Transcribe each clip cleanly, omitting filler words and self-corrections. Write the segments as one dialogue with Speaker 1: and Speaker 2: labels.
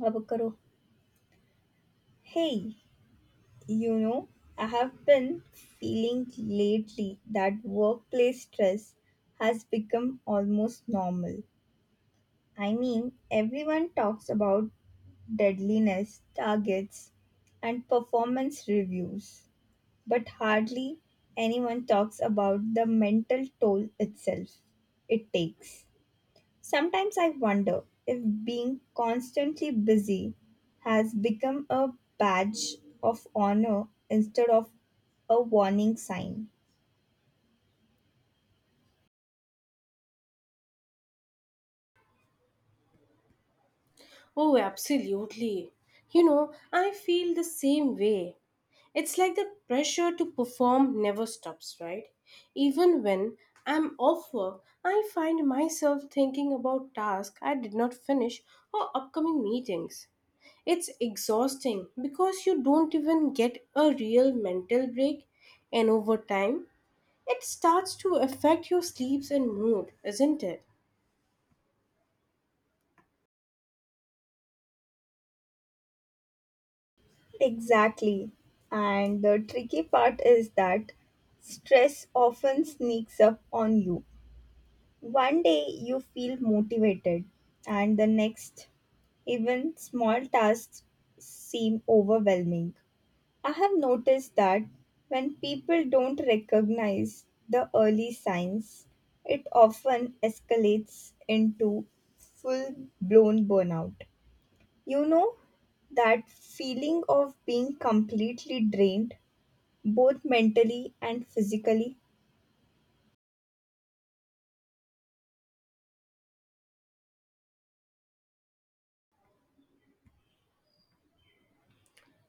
Speaker 1: Avocado. Hey, you know, I have been feeling lately that workplace stress has become almost normal. I mean, everyone talks about deadliness, targets, and performance reviews, but hardly anyone talks about the mental toll itself it takes. Sometimes I wonder if being constantly busy has become a badge of honor instead of a warning sign.
Speaker 2: Oh, absolutely. I feel the same way. It's like the pressure to perform never stops, right? Even when I'm off work, I find myself thinking about tasks I did not finish or upcoming meetings. It's exhausting because you don't even get a real mental break, and over time, it starts to affect your sleeps and mood, isn't it?
Speaker 1: Exactly. And the tricky part is that stress often sneaks up on you. One day you feel motivated, and the next, even small tasks seem overwhelming. I have noticed that when people don't recognize the early signs, it often escalates into full blown burnout. You know, that feeling of being completely drained, both mentally and physically,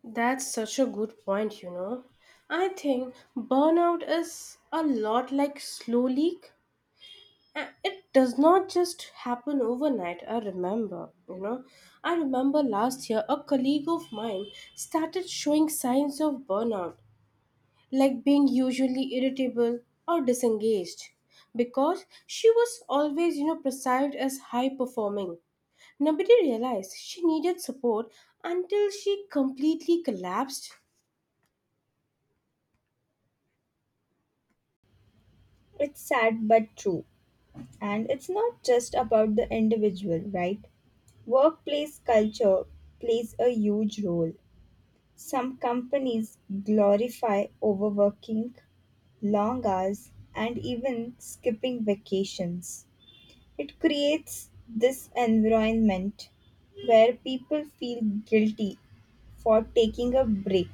Speaker 2: That's such a good point. I think burnout is a lot like slow leak. It does not just happen overnight. I remember, you know. I remember last year a colleague of mine started showing signs of burnout, like being usually irritable or disengaged, because she was always, perceived as high performing. Nobody realized she needed support until she completely collapsed.
Speaker 1: it's sad but true. And it's not just about the individual, right? Workplace culture plays a huge role. Some companies glorify overworking long hours, and even skipping vacations. It creates this environment where people feel guilty for taking a break.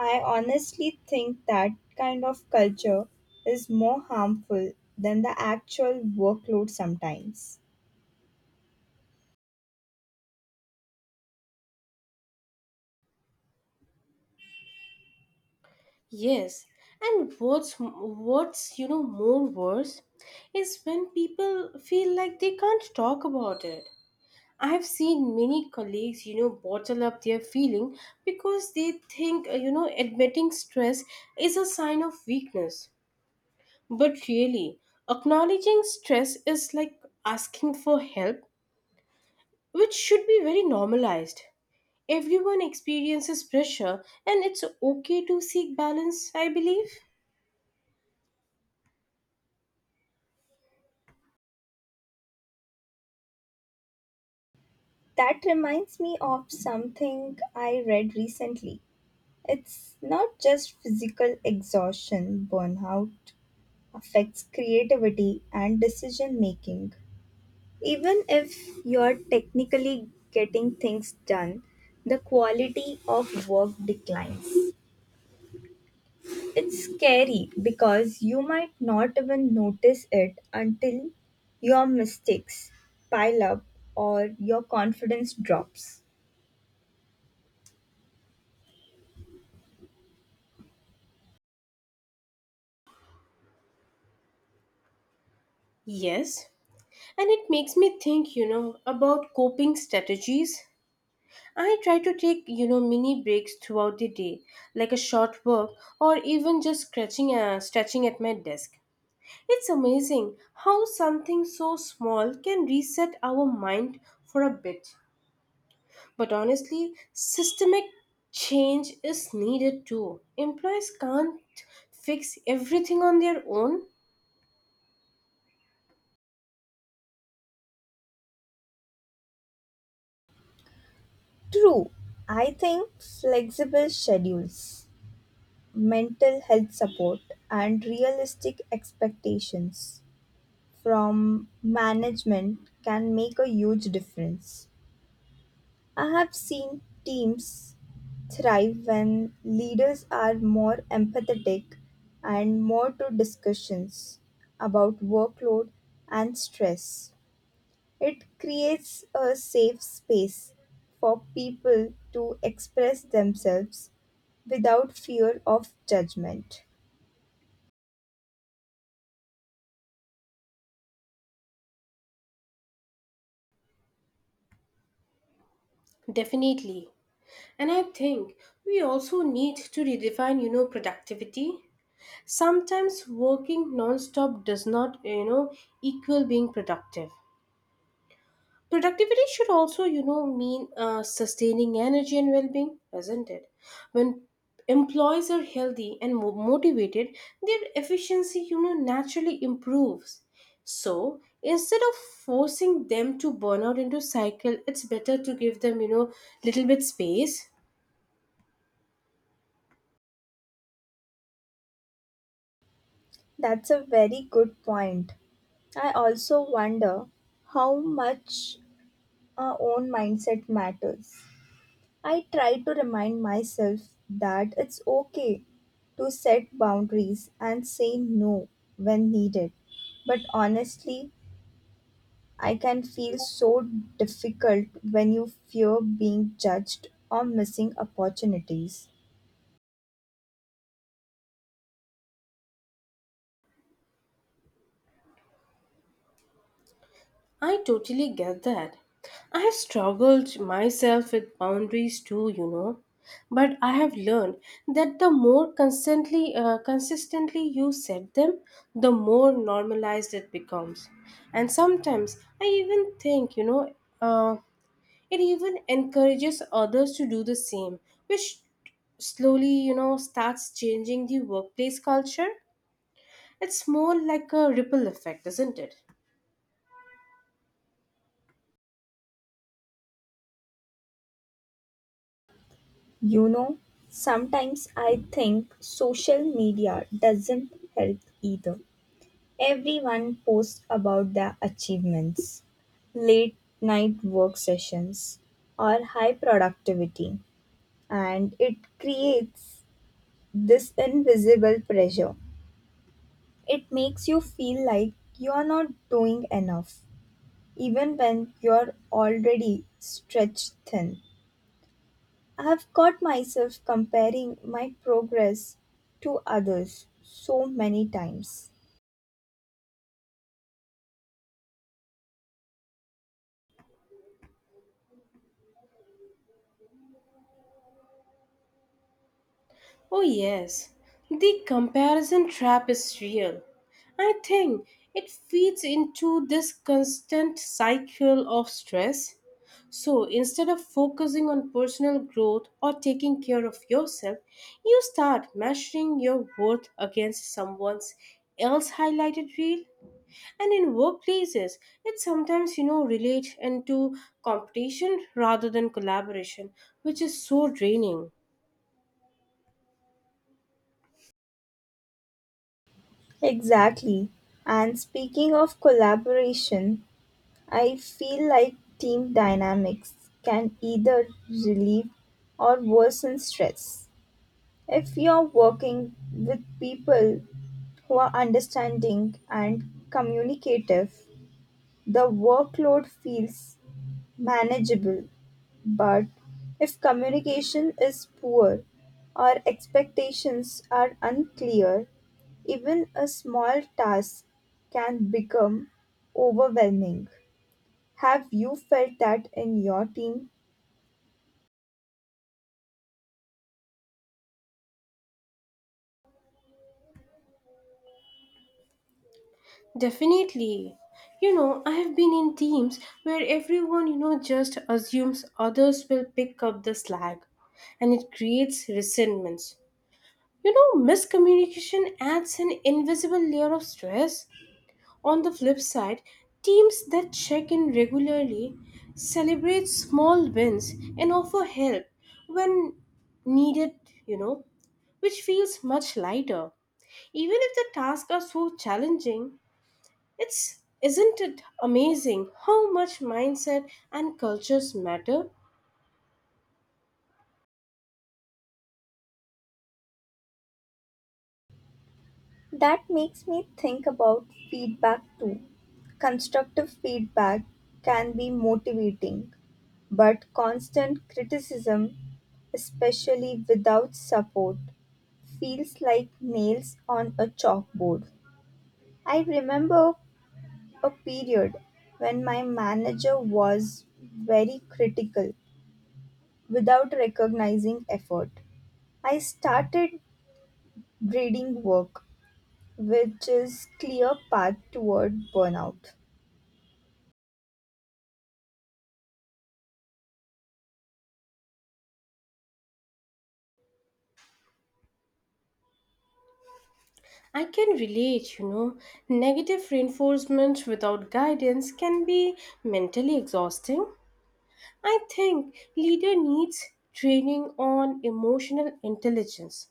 Speaker 1: I honestly think that kind of culture is more harmful than the actual workload sometimes.
Speaker 2: Yes, and what's more worse is when people feel like they can't talk about it. I have seen many colleagues, bottle up their feeling because they think, admitting stress is a sign of weakness. But really, acknowledging stress is like asking for help, which should be very normalized. Everyone experiences pressure, and it's okay to seek balance, I believe.
Speaker 1: That reminds me of something I read recently. It's not just physical exhaustion, burnout affects creativity and decision making. Even if you're technically getting things done, the quality of work declines. It's scary because you might not even notice it until your mistakes pile up or your confidence drops.
Speaker 2: Yes, and it makes me think about coping strategies. I try to take mini breaks throughout the day, like a short walk or even just scratching stretching at my desk. It's amazing how something so small can reset our mind for a bit. But honestly, systemic change is needed too. Employees can't fix everything on their own.
Speaker 1: True, I think flexible schedules, mental health support, and realistic expectations from management can make a huge difference. I have seen teams thrive when leaders are more empathetic and more to discussions about workload and stress. It creates a safe space for people to express themselves without fear of judgment.
Speaker 2: Definitely. And I think we also need to redefine, productivity. Sometimes working non-stop does not, equal being productive. Productivity should also, mean sustaining energy and well-being, isn't it? When employees are healthy and motivated, their efficiency, naturally improves. So instead of forcing them to burn out into cycle, it's better to give them, little bit space.
Speaker 1: That's a very good point. I also wonder how much our own mindset matters. I try to remind myself that it's okay to set boundaries and say no when needed. But honestly, I can feel so difficult when you fear being judged or missing opportunities.
Speaker 2: I totally get that. I have struggled myself with boundaries too. But I have learned that the more consistently you set them, the more normalized it becomes. And sometimes I even think, uh, it even encourages others to do the same, which slowly, starts changing the workplace culture. It's more like a ripple effect, isn't it?
Speaker 1: You know, sometimes I think social media doesn't help either. Everyone posts about their achievements, late night work sessions, or high productivity, and it creates this invisible pressure. It makes you feel like you are not doing enough, even when you're already stretched thin. I have caught myself comparing my progress to others so many times.
Speaker 2: Oh, yes, the comparison trap is real. I think it feeds into this constant cycle of stress. So instead of focusing on personal growth or taking care of yourself, you start measuring your worth against someone else highlighted reel. And in workplaces, it sometimes, relates into competition rather than collaboration, which is so draining.
Speaker 1: Exactly. And speaking of collaboration, I feel like team dynamics can either relieve or worsen stress. If you're working with people who are understanding and communicative, the workload feels manageable. But if communication is poor or expectations are unclear, even a small task can become overwhelming. Have you felt that in your team?
Speaker 2: Definitely. I have been in teams where everyone, just assumes others will pick up the slack and it creates resentments. Miscommunication adds an invisible layer of stress. On the flip side, teams that check in regularly, celebrate small wins, and offer help when needed, you know, which feels much lighter. Even if the tasks are so challenging, it's isn't it amazing how much mindset and cultures matter?
Speaker 1: That makes me think about feedback too. Constructive feedback can be motivating, but constant criticism, especially without support, feels like nails on a chalkboard. I remember a period when my manager was very critical without recognizing effort. I started grading work which is clear path toward burnout.
Speaker 2: I can relate. Negative reinforcement without guidance can be mentally exhausting. I think leader needs training on emotional intelligence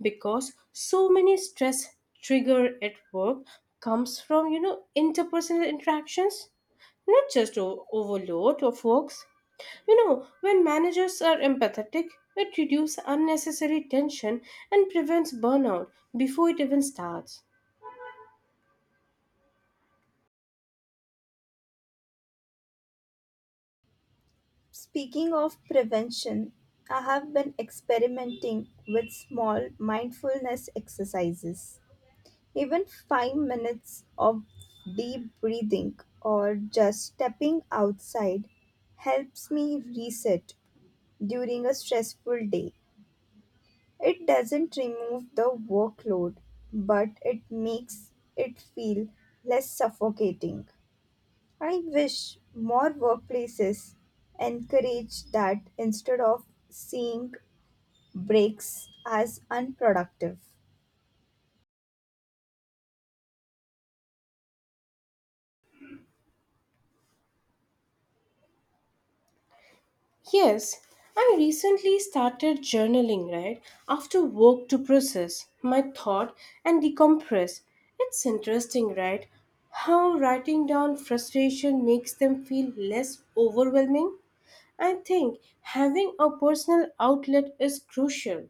Speaker 2: because so many stress trigger at work comes from, interpersonal interactions, not just overload of works. When managers are empathetic, it reduces unnecessary tension and prevents burnout before it even starts.
Speaker 1: Speaking of prevention, I have been experimenting with small mindfulness exercises. Even 5 minutes of deep breathing or just stepping outside helps me reset during a stressful day. It doesn't remove the workload, but it makes it feel less suffocating. I wish more workplaces encourage that instead of seeing breaks as unproductive.
Speaker 2: Yes, I recently started journaling, right? After work to process my thought and decompress. It's interesting, right? How writing down frustration makes them feel less overwhelming? I think having a personal outlet is crucial,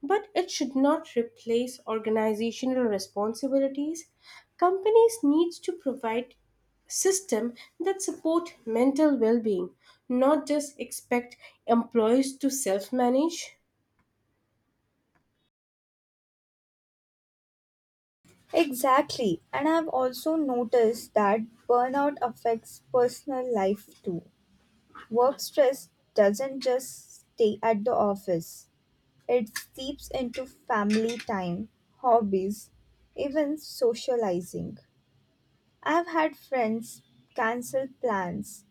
Speaker 2: but it should not replace organizational responsibilities. Companies need to provide system that support mental well-being, not just expect employees to self-manage.
Speaker 1: Exactly, and I've also noticed that burnout affects personal life too. Work stress doesn't just stay at the office, it seeps into family time, hobbies, even socializing. I've had friends cancel plans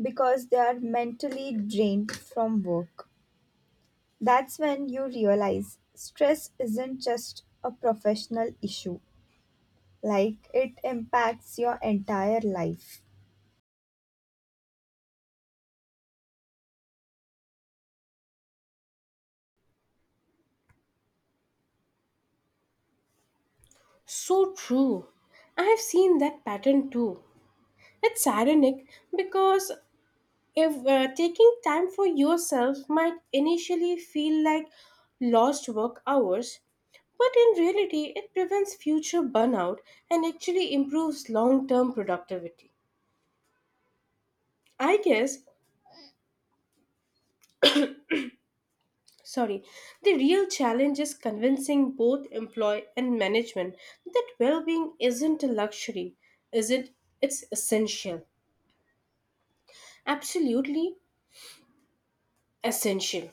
Speaker 1: because they are mentally drained from work. That's when you realize stress isn't just a professional issue, like it impacts your entire life.
Speaker 2: So true. I have seen that pattern too. It's ironic because if taking time for yourself might initially feel like lost work hours, but in reality, it prevents future burnout and actually improves long term productivity. I guess, sorry, the real challenge is convincing both employee and management that well being isn't a luxury, is it? It's essential. Absolutely essential.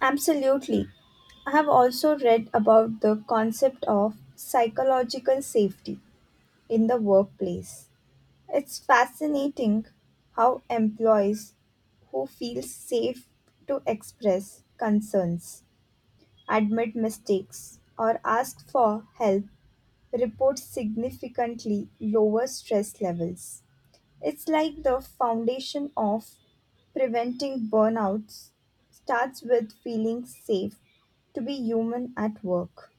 Speaker 1: Absolutely. I have also read about the concept of psychological safety in the workplace. It's fascinating how employees who feel safe to express concerns, admit mistakes, or ask for help report significantly lower stress levels. It's like the foundation of preventing burnouts starts with feeling safe to be human at work.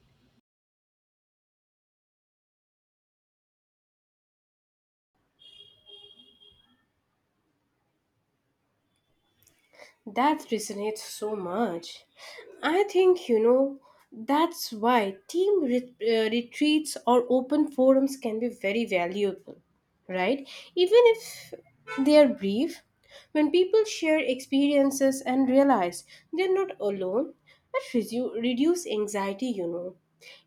Speaker 2: That resonates so much. I think, that's why team retreats or open forums can be very valuable, right? Even if they are brief, when people share experiences and realize they're not alone, that reduce anxiety,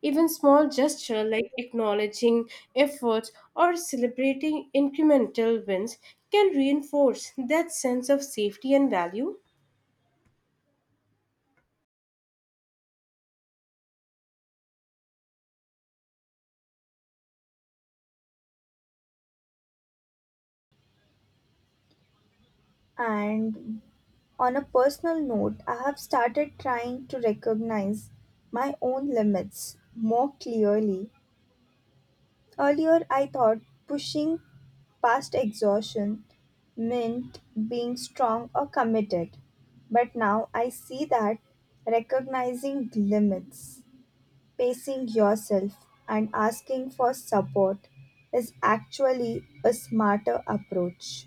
Speaker 2: Even small gesture like acknowledging efforts or celebrating incremental wins can reinforce that sense of safety and value.
Speaker 1: And on a personal note, I have started trying to recognize my own limits more clearly. Earlier, I thought pushing past exhaustion meant being strong or committed, but now I see that recognizing limits, pacing yourself, and asking for support is actually a smarter approach.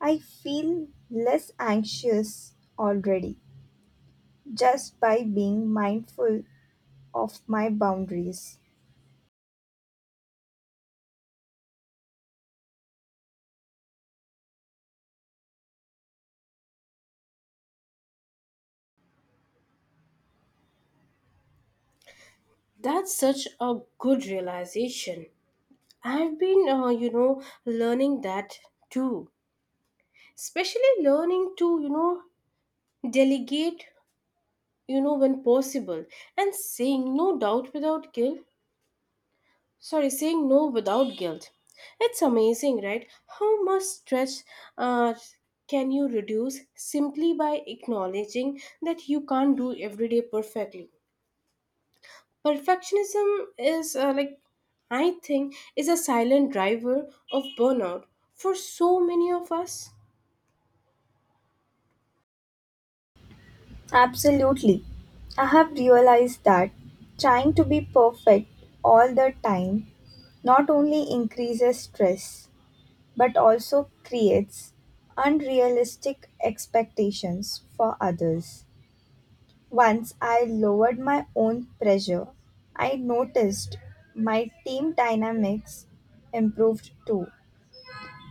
Speaker 1: I feel less anxious already just by being mindful of my boundaries.
Speaker 2: That's such a good realization. I've been, learning that too. Especially learning to, delegate, when possible and saying no without guilt. It's amazing, right? How much stress uh, can you reduce simply by acknowledging that you can't do every day perfectly? Perfectionism is like I think is a silent driver of burnout for so many of us.
Speaker 1: Absolutely. I have realized that trying to be perfect all the time not only increases stress but also creates unrealistic expectations for others. Once I lowered my own pressure, I noticed my team dynamics improved too.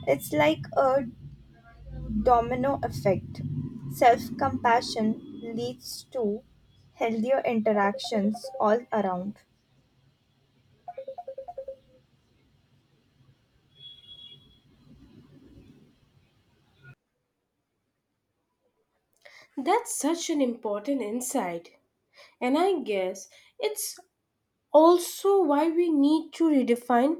Speaker 1: It's like a domino effect. Self compassion leads to healthier interactions all around.
Speaker 2: That's such an important insight, and I guess it's also why we need to redefine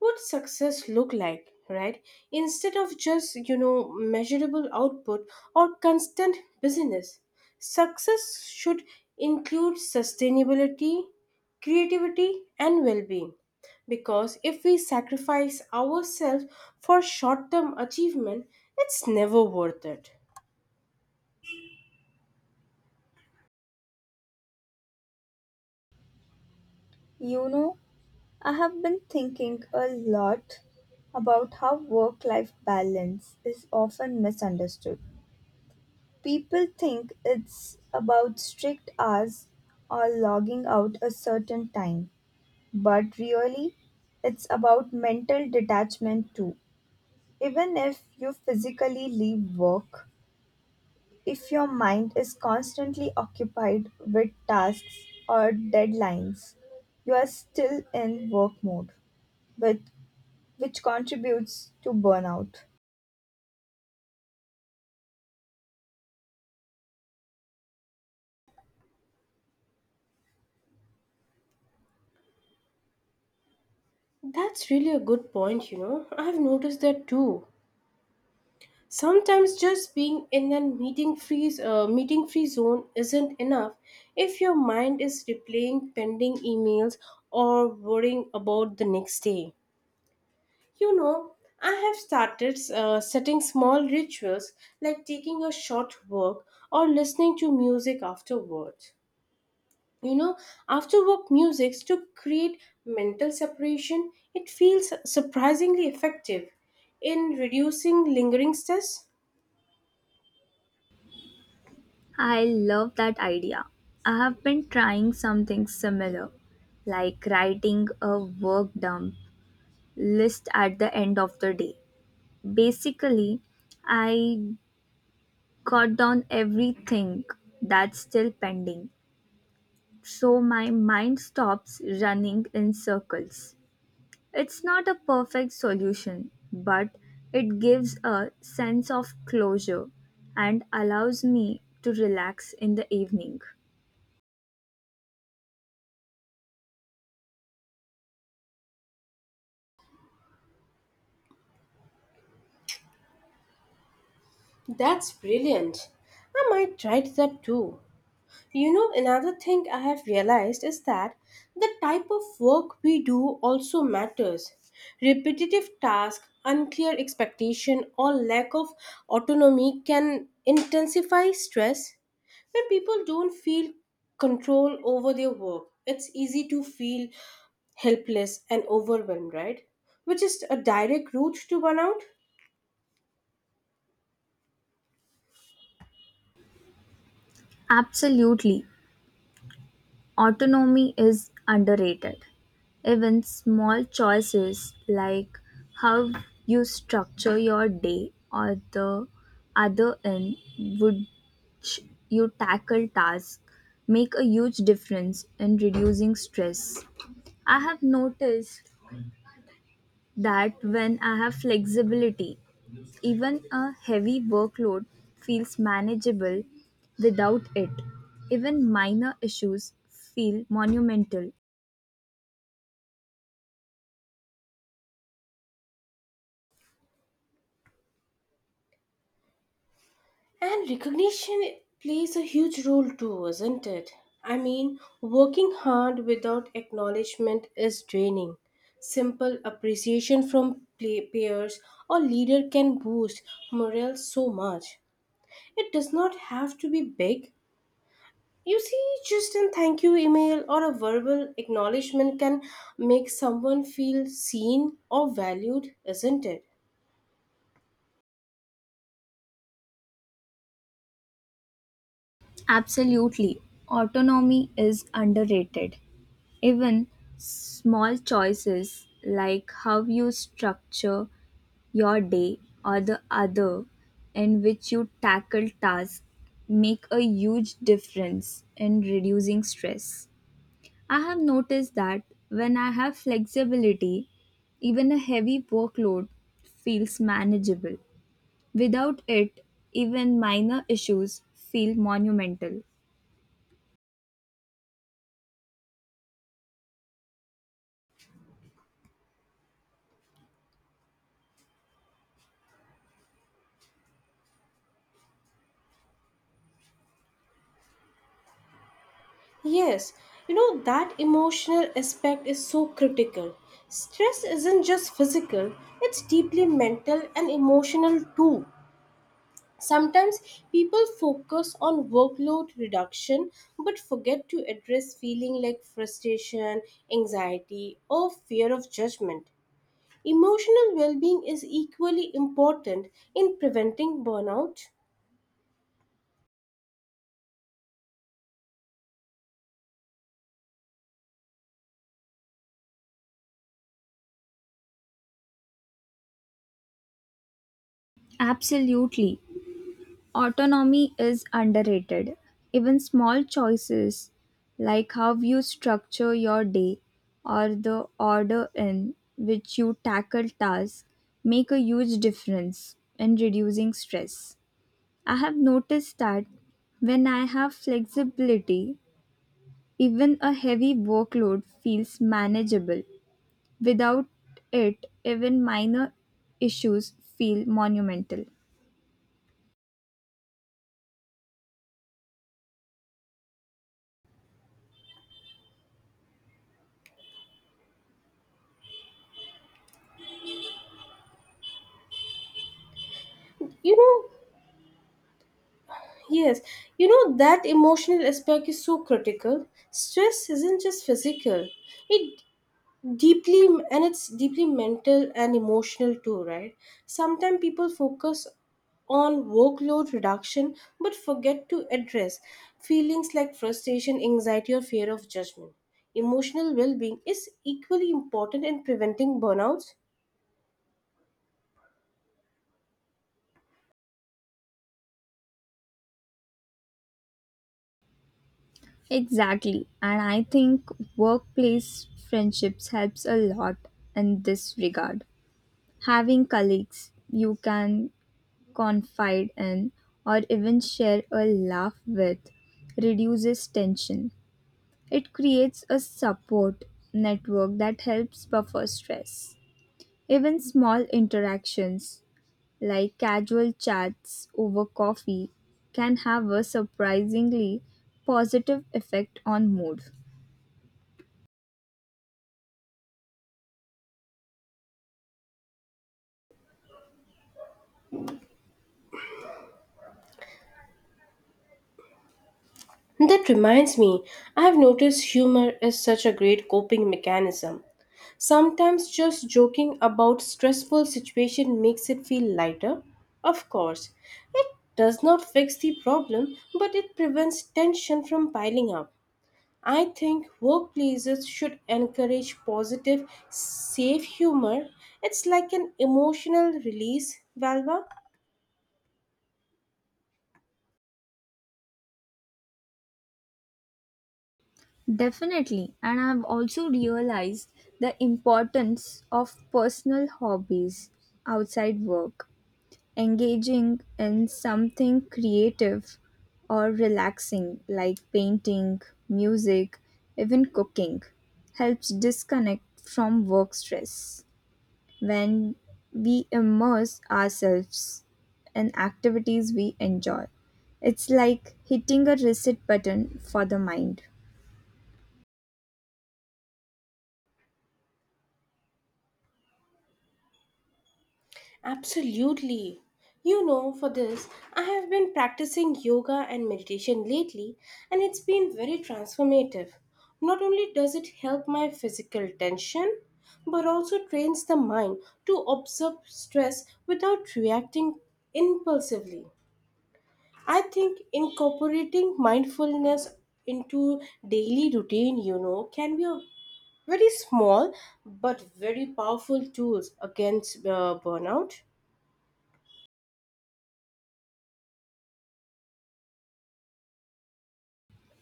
Speaker 2: what success look like, right? Instead of just measurable output or constant business, success should include sustainability, creativity, and well-being, because if we sacrifice ourselves for short-term achievement, it's never worth it.
Speaker 1: You know, I have been thinking a lot about how work life balance is often misunderstood. People think it's about strict hours or logging out a certain time, but really, it's about mental detachment too. Even if you physically leave work, if your mind is constantly occupied with tasks or deadlines, you are still in work mode, with, which contributes to burnout.
Speaker 2: That's really a good point. I've noticed that too. Sometimes just being in a meeting free zone isn't enough. If your mind is replaying pending emails or worrying about the next day, you know I have started setting small rituals like taking a short walk or listening to music afterwards. You know, after work music to create mental separation, it feels surprisingly effective in reducing lingering stress.
Speaker 1: I love that idea. I have been trying something similar, like writing a work dump list at the end of the day. Basically, I got down everything that's still pending, so my mind stops running in circles. It's not a perfect solution, but it gives a sense of closure and allows me to relax in the evening.
Speaker 2: That's brilliant. I might try that too. You know, another thing I have realized is that the type of work we do also matters. Repetitive tasks, unclear expectation, or lack of autonomy can intensify stress. When people don't feel control over their work, it's easy to feel helpless and overwhelmed, right? Which is a direct route to burnout.
Speaker 1: Absolutely, autonomy is underrated. Even small choices like how you structure your day or the other end which you tackle tasks make a huge difference in reducing stress. I have noticed that when I have flexibility, even a heavy workload feels manageable without it. Even minor issues feel monumental.
Speaker 2: And recognition plays a huge role too, isn't it? I mean, working hard without acknowledgement is draining. Simple appreciation from peers or leader can boost morale so much. It does not have to be big. You see, just a thank you email or a verbal acknowledgement can make someone feel seen or valued, isn't it?
Speaker 1: Absolutely, autonomy is underrated. Even small choices like how you structure your day or the other in which you tackle tasks make a huge difference in reducing stress. I have noticed that when I have flexibility, even a heavy workload feels manageable. Without it, even minor issues feel monumental.
Speaker 2: Yes, that emotional aspect is so critical. Stress isn't just physical, it's deeply mental and emotional too. Sometimes people focus on workload reduction but forget to address feeling like frustration, anxiety, or fear of judgment. Emotional well being is equally important in preventing burnout.
Speaker 1: Absolutely. Autonomy is underrated. Even small choices like how you structure your day or the order in which you tackle tasks make a huge difference in reducing stress. I have noticed that when I have flexibility, even a heavy workload feels manageable. Without it, even minor issues feel monumental.
Speaker 2: You know, Yes, that emotional aspect is so critical. Stress isn't just physical. It it's deeply mental and emotional too, right? Sometimes people focus on workload reduction but forget to address feelings like frustration, anxiety or fear of judgment. Emotional well-being is equally important in preventing burnouts.
Speaker 1: Exactly, and I think workplace friendships helps a lot in this regard. Having colleagues you can confide in or even share a laugh with reduces tension. It creates a support network that helps buffer stress. Even small interactions, like casual chats over coffee, can have a surprisingly positive effect on mood.
Speaker 2: That reminds me, I have noticed humor is such a great coping mechanism. Sometimes just joking about stressful situation makes it feel lighter. Of course, it does not fix the problem, but it prevents tension from piling up. I think workplaces should encourage positive, safe humor. It's like an emotional release valve.
Speaker 1: Definitely, and I've also realized the importance of personal hobbies outside work. Engaging in something creative or relaxing like painting, music, even cooking helps disconnect from work stress. When we immerse ourselves in activities we enjoy, it's like hitting a reset button for the mind.
Speaker 2: Absolutely. For this, I have been practicing yoga and meditation lately, and it's been very transformative. Not only does it help my physical tension, but also trains the mind to absorb stress without reacting impulsively. I think incorporating mindfulness into daily routine, can be a very small but very powerful tools against burnout.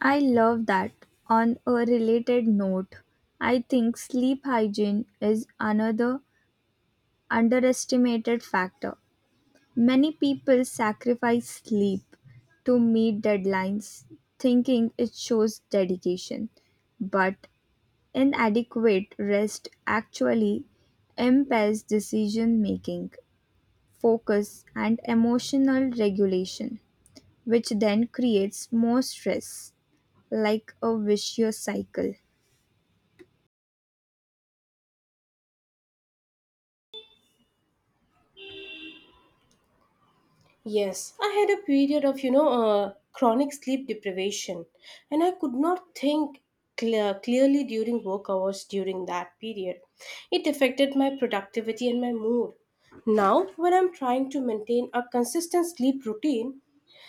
Speaker 1: I love that. On a related note, I think sleep hygiene is another underestimated factor. Many people sacrifice sleep to meet deadlines, thinking it shows dedication. But inadequate rest actually impairs decision making, focus, and emotional regulation, which then creates more stress, like a vicious cycle.
Speaker 2: Yes, I had a period of, chronic sleep deprivation, and I could not think clearly during work hours during that period. It affected my productivity and my mood. Now, when I'm trying to maintain a consistent sleep routine,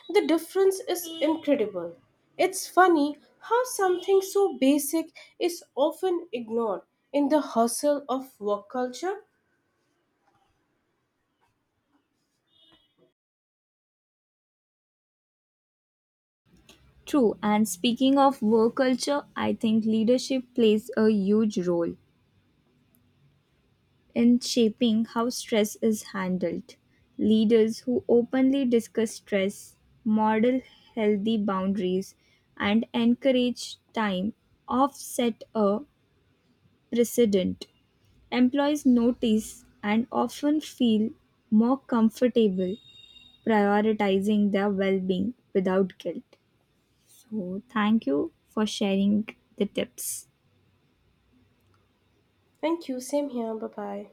Speaker 2: the difference is incredible. It's funny how something so basic is often ignored in the hustle of work culture.
Speaker 1: True, and speaking of work culture, I think leadership plays a huge role in shaping how stress is handled. Leaders who openly discuss stress, model healthy boundaries, and encourage time offset a precedent. Employees notice and often feel more comfortable prioritizing their well being without guilt. So, thank you for sharing the tips.
Speaker 2: Thank you. Same here. Bye bye.